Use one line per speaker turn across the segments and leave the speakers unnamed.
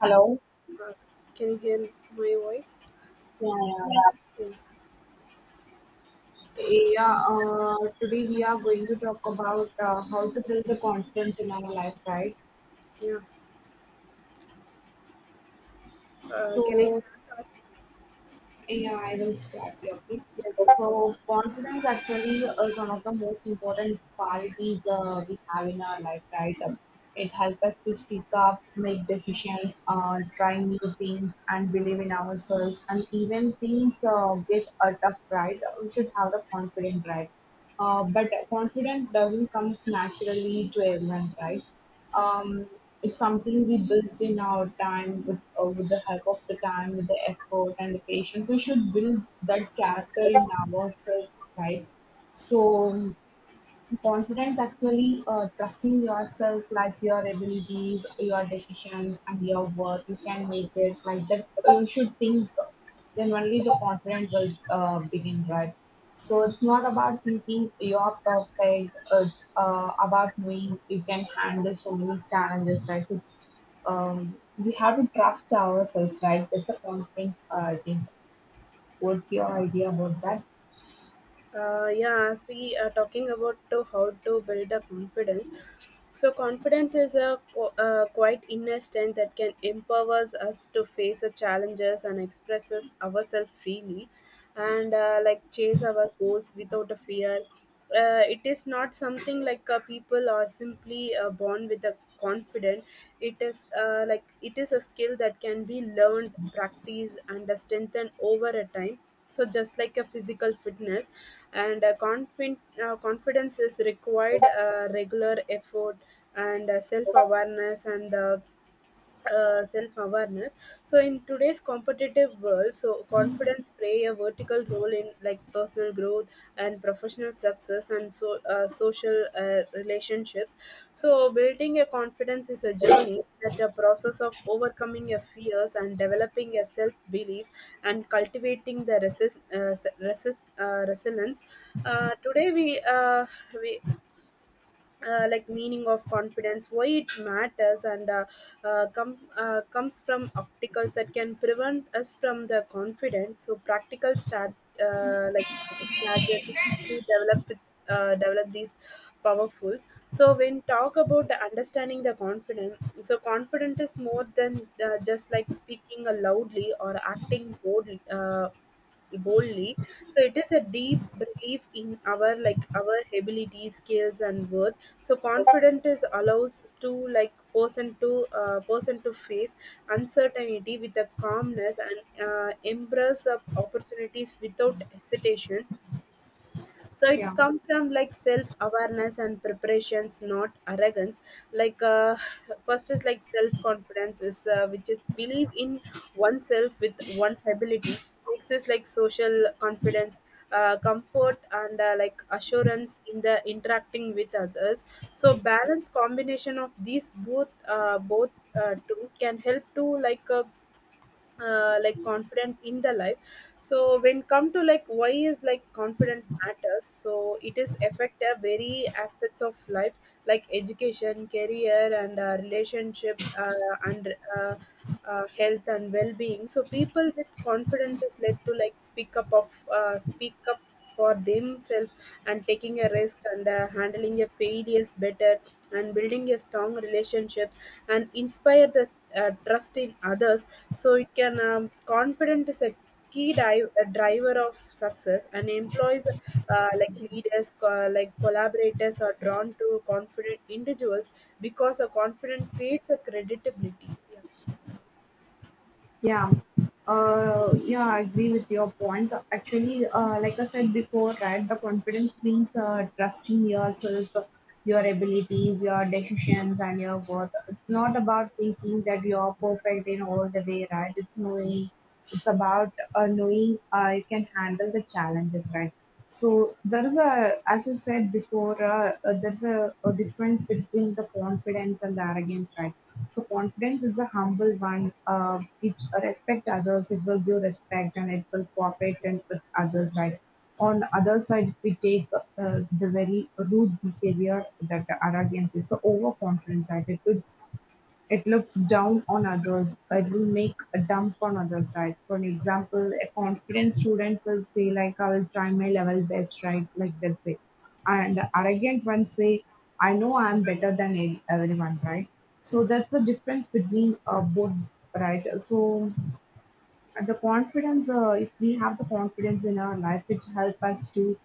Hello.
Uh, can you hear my voice?
Yeah, yeah.
Yeah,
Yeah, today we are going to talk about how to build the confidence in our life, right?
yeah. Can I
So,
start off?
Yeah, I will start. Yeah, okay.
Yeah.
So confidence actually is one of the most important qualities we have in our life, right? It helps us to speak up, make decisions, try new things, and believe in ourselves. And even things get tough, right? We should have the confidence, right? But confidence doesn't come naturally to everyone, right? Um, it's something we built in our time with the help of the time, with the effort and the patience. We should build that character in ourselves, right? So confidence actually trusting yourself, like your abilities, your decisions, and your work. You can make it like that. You should think. Then only the confidence will begin, right? So it's not about thinking you're perfect. It's about knowing you can handle so many challenges, right? We have to trust ourselves, right? That's the confidence. I think. What's your idea about that?
Yeah, as we are talking about to how to build a confidence. So confidence is a quite inner strength that can empowers us to face the challenges and expresses ourselves freely, and like chase our goals without a fear. It is not something like people are simply born with a confident. It is like it is a skill that can be learned, practiced, and strengthened over a time, so just like a physical fitness, and confident confidence is required regular effort and self awareness and self-awareness. So in today's competitive world, so confidence play a vertical role in like personal growth and professional success and so social relationships. So building a confidence is a journey that a process of overcoming your fears and developing a self-belief and cultivating the resilience. Uh, today we like meaning of confidence, why it matters, and comes from opticals that can prevent us from the confidence, so practical strat, uh, like, strategies to develop these powerful. So when talk about the understanding the confidence, so confident is more than just like speaking loudly or acting boldly. So it is a deep belief in our like our ability skills and worth. So confidence is allows to like person to face uncertainty with a calmness and embrace of opportunities without hesitation. So it's
Yeah.
come from like self awareness and preparations, not arrogance. Like, first is like self confidence is which is believe in oneself with one's ability. Next is like social confidence, comfort and like assurance in the interacting with others. So balanced combination of these both two can help to like confident in the life. So when come to like why is like confident matters, so it is affect a very aspects of life, like education, career, and relationship and health and well-being. So people with confidence is led to like speak up for themselves and taking a risk and handling a failures better and building a strong relationship and inspire the trust in others. So it can, confident is a key di- a driver of success and employees, uh, like leaders, collaborators are drawn to confident individuals because a confident creates a credibility, yeah.
Yeah, yeah, I agree with your points. Actually, like I said before, right, the confidence means trusting yourself, your abilities, your decisions, and your worth. It's not about thinking that you're perfect in all the way, right? It's knowing it's about knowing I can handle the challenges, right? So as you said before, there's a difference between the confidence and the arrogance, right? So confidence is a humble one. It respect others. It will give respect and it will cooperate and with others, right? On the other side, we take the very rude behavior that the arrogance. It's a overconfidence, right? It's it looks down on others; it will make a dump on others, right? For an example, a confident student will say like, I will try my level best, right? Like that way. And the arrogant one say, I know I am better than everyone, right? So that's the difference between both, right? So and the confidence if we have the confidence in our life it helps us to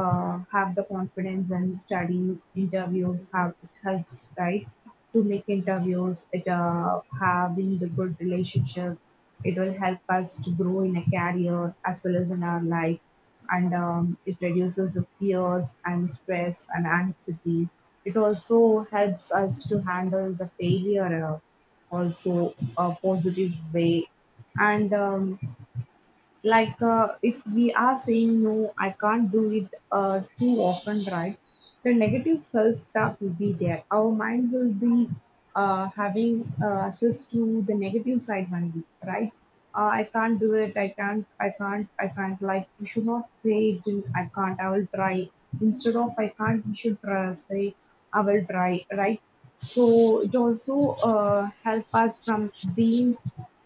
have the confidence in studies interviews. Have it helps, right, to make interviews, it having the good relationships, it will help us to grow in a career as well as in our life. And it reduces the fears and stress and anxiety. It also helps us to handle the failure also a positive way. And like if we are saying no I can't do it too often, right, the negative self talk will be there. Our mind will be having access to the negative side only, right. I can't do it, I can't, like we should not say it in, I can't, I will try. Instead of I can't we should try, say I will try, right. So it also help us from being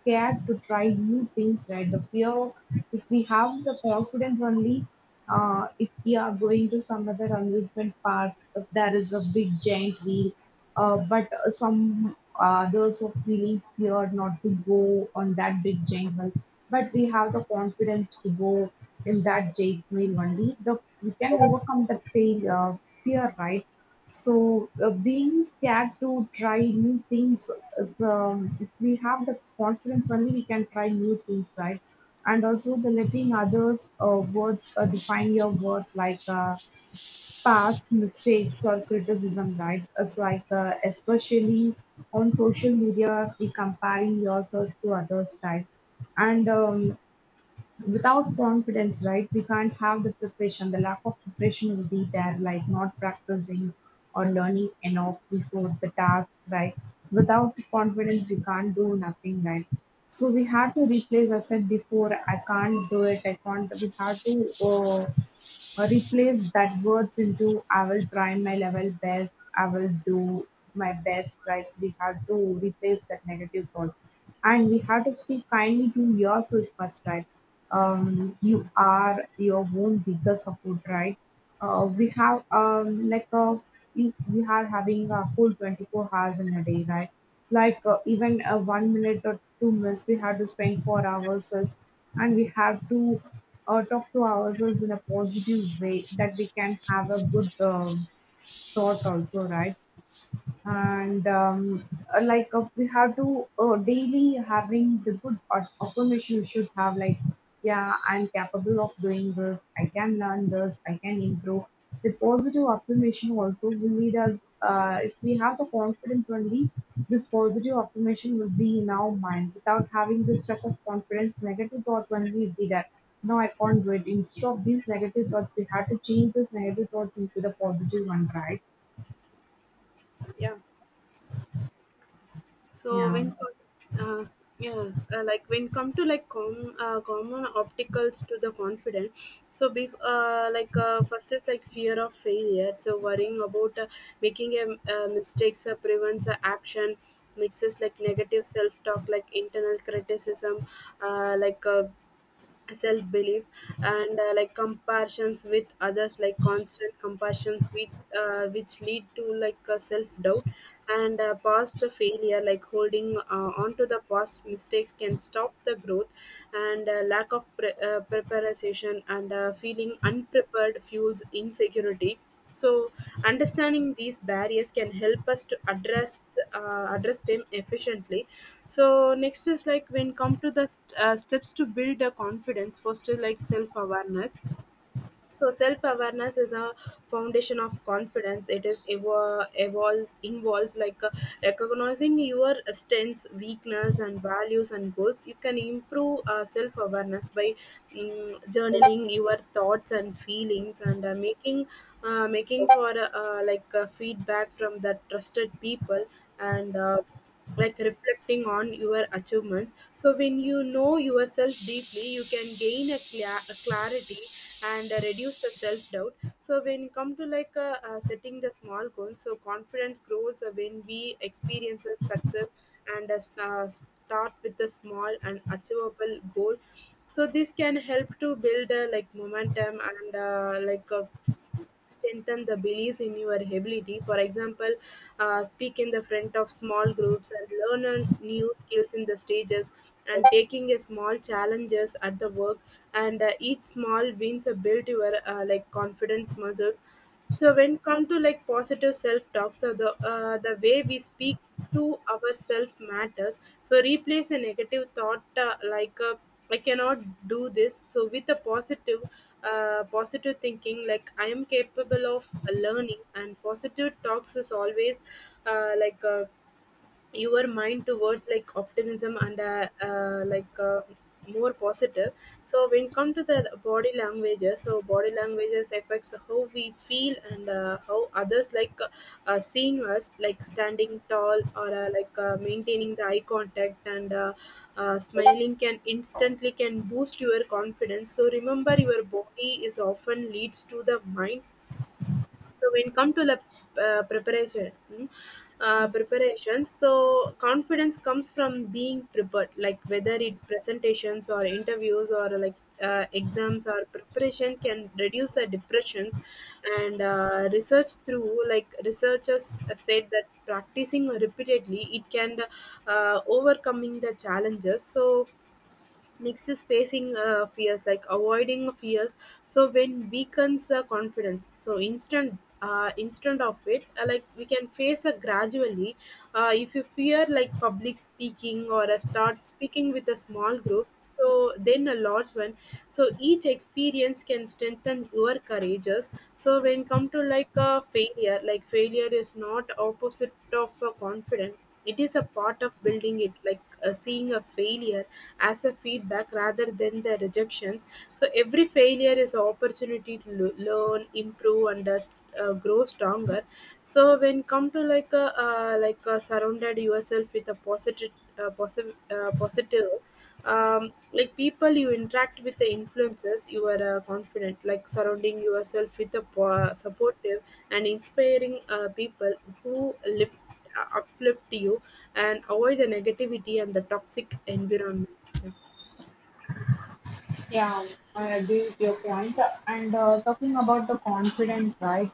scared to try new things, right? The fear of, if we have the confidence only, if we are going to some other amusement parks, if there is a big giant wheel, but some others are feeling fear not to go on that big giant wheel. But we have the confidence to go in that giant wheel only. The, we can overcome that fear, right? So being scared to try new things, is, if we have the confidence only we can try new things, right? And also the letting others' words define your worth, like past mistakes or criticism, right? It's like especially on social media, we comparing yourself to others, right? And without confidence, right, we can't have the preparation. The lack of preparation will be there, like not practicing or learning enough before the task, right? Without confidence, we can't do nothing, right? So we had to replace. I said before, I can't do it. I can't. We had to. Replace that words into "I will try my level best", "I will do my best", right? We have to replace that negative thoughts. And we have to speak kindly to yourself first, right? You are your own biggest support, right? We have like a, we are having a full 24 hours in a day, right? Like even a 1 minute or 2 minutes, we have to spend for ourselves, and we have to talk to ourselves in a positive way that we can have a good thought also, right? And like we have to daily having the good affirmation we should have like yeah I'm capable of doing this, I can learn this, I can improve. The positive affirmation also will lead us if we have the confidence only, this positive affirmation will be in our mind. Without having this type of confidence negative thought only will be there, no I can't do it. Instead of these negative thoughts we have to change this negative thoughts into the positive one, right.
Yeah. So
Yeah.
when uh, yeah, like when come to like common obstacles to the confidence. So be like first is like fear of failure. So worrying about making a mistakes prevents action. Mixes like negative self talk, like internal criticism, uh, like. Uh, self belief and like comparisons with others, like constant comparisons with which lead to like self doubt and past failure, like holding on to the past mistakes can stop the growth, and uh, lack of preparation and feeling unprepared fuels insecurity. So, understanding these barriers can help us to address them efficiently. So, next is like when come to the steps to build a confidence, first is like self awareness. So self-awareness is a foundation of confidence. It is evo- evolve involves like recognizing your strengths, weakness, and values and goals. You can improve self-awareness by journaling your thoughts and feelings and making making for like feedback from the trusted people and. Like reflecting on your achievements. So when you know yourself deeply you can gain a, a clarity and reduce the self-doubt. So when you come to like setting the small goals, so confidence grows when we experiences success and start with a small and achievable goal. So this can help to build like momentum and like a strengthen the belief in your ability. For example, speak in the front of small groups, and learn on new skills in the stages, and taking a small challenges at the work, and each small wins a build your like confident muscles. So when come to like positive self-talk, so the way we speak to ourselves matters. So replace a negative thought I cannot do this. So with a positive, positive thinking like I am capable of learning, and positive talks is always uh, like. Uh, your mind towards like optimism and more positive. So when come to the body languages, so body languages affects how we feel and how others like seeing us, like standing tall or uh, like maintaining the eye contact and smiling can instantly can boost your confidence. So remember your body is often leads to the mind. So when come to the uh, preparation, mm, uh, preparation. So confidence comes from being prepared, like whether it presentations or interviews or like exams, or preparation can reduce the depressions. And research through like researchers said that practicing repeatedly it can overcoming the challenges. So next is facing fears, like avoiding fears. So when weakens confidence, so instant of it, like we can face gradually. If you fear like public speaking, or start speaking with a small group, so then a large one. So each experience can strengthen your courageous. So when come to like a failure, like failure is not opposite of confidence, it is a part of building it, like seeing a failure as a feedback rather than the rejections. So every failure is an opportunity to learn, improve, and grow stronger. So when come to like a uh, like, surrounded yourself with a positive, like people you interact with the influences you are confident, like surrounding yourself with a supportive and inspiring people who lift uplift you, and avoid the negativity and the toxic environment. Yeah.
Yeah, I agree with your point. And talking about the confident, right?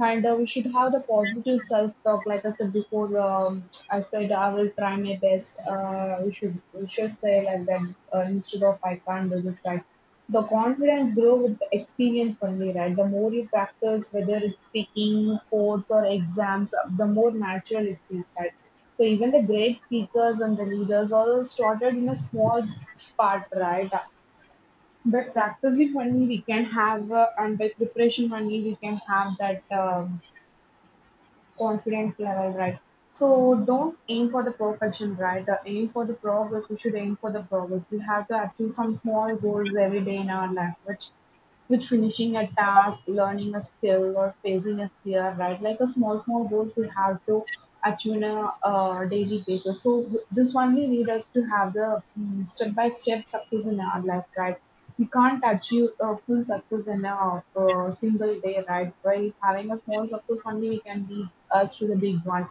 And we should have the positive self-talk. Like I said before, I said I will try my best. We should say like that instead of I can't do this. Right? The confidence grow with the experience only, right? The more you practice, whether it's speaking, sports, or exams, the more natural it feels, right? So even the great speakers and the leaders all started in a small part, right? But
Yeah,
practicing only we can have, and by preparation only we can have that confidence level, right? So don't aim for the perfection, right? Aim for the progress. We should aim for the progress. We have to achieve some small goals every day in our life, which finishing a task, learning a skill, or facing a fear, right? Like a small, small goals we have to achieve on a daily basis. So this only lead us to have the step by step success in our life, right? We can't achieve a full success in a, single day, right? By having a small success only, we can lead us to the big one.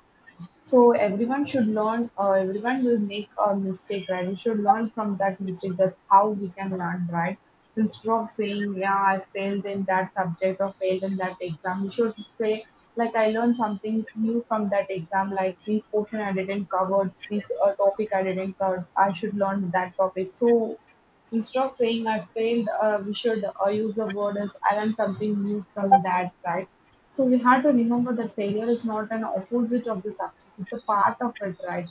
So everyone should learn. Everyone will make a mistake, right? We should learn from that mistake. That's how we can learn, right? Instead of saying, "Yeah, I failed in that subject or failed in that exam," we should say, "Like I learned something new from that exam. Like this portion I didn't cover, this topic I didn't cover. I should learn that topic." So instead of saying "I failed," we should use the word as "I learned something new from that," right? So we have to remember that failure is not an opposite of the success; it's a part of it, right?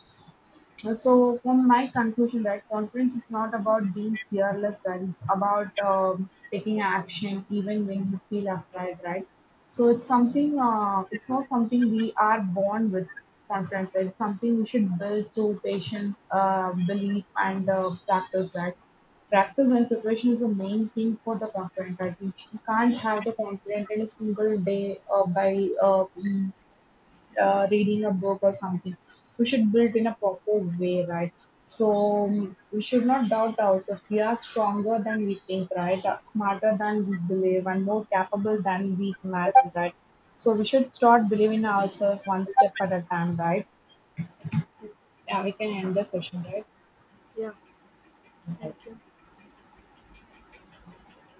So, from my conclusion, right, confidence is not about being fearless, right? It's about taking action even when you feel afraid, right? So, it's not something we are born with confidence, right? It's something we should build through patience, belief, and practice, right? Practice and preparation is the main thing for the confidence, right? We can't have the confidence in a single day reading a book or something. We should build in a proper way, right? So we should not doubt ourselves. We are stronger than we think, right? Smarter than we believe, and more capable than we imagine, right? So we should start believing ourselves one step at a time, right?
thank—
Yeah, we can end the session, right?
Yeah. Thank you.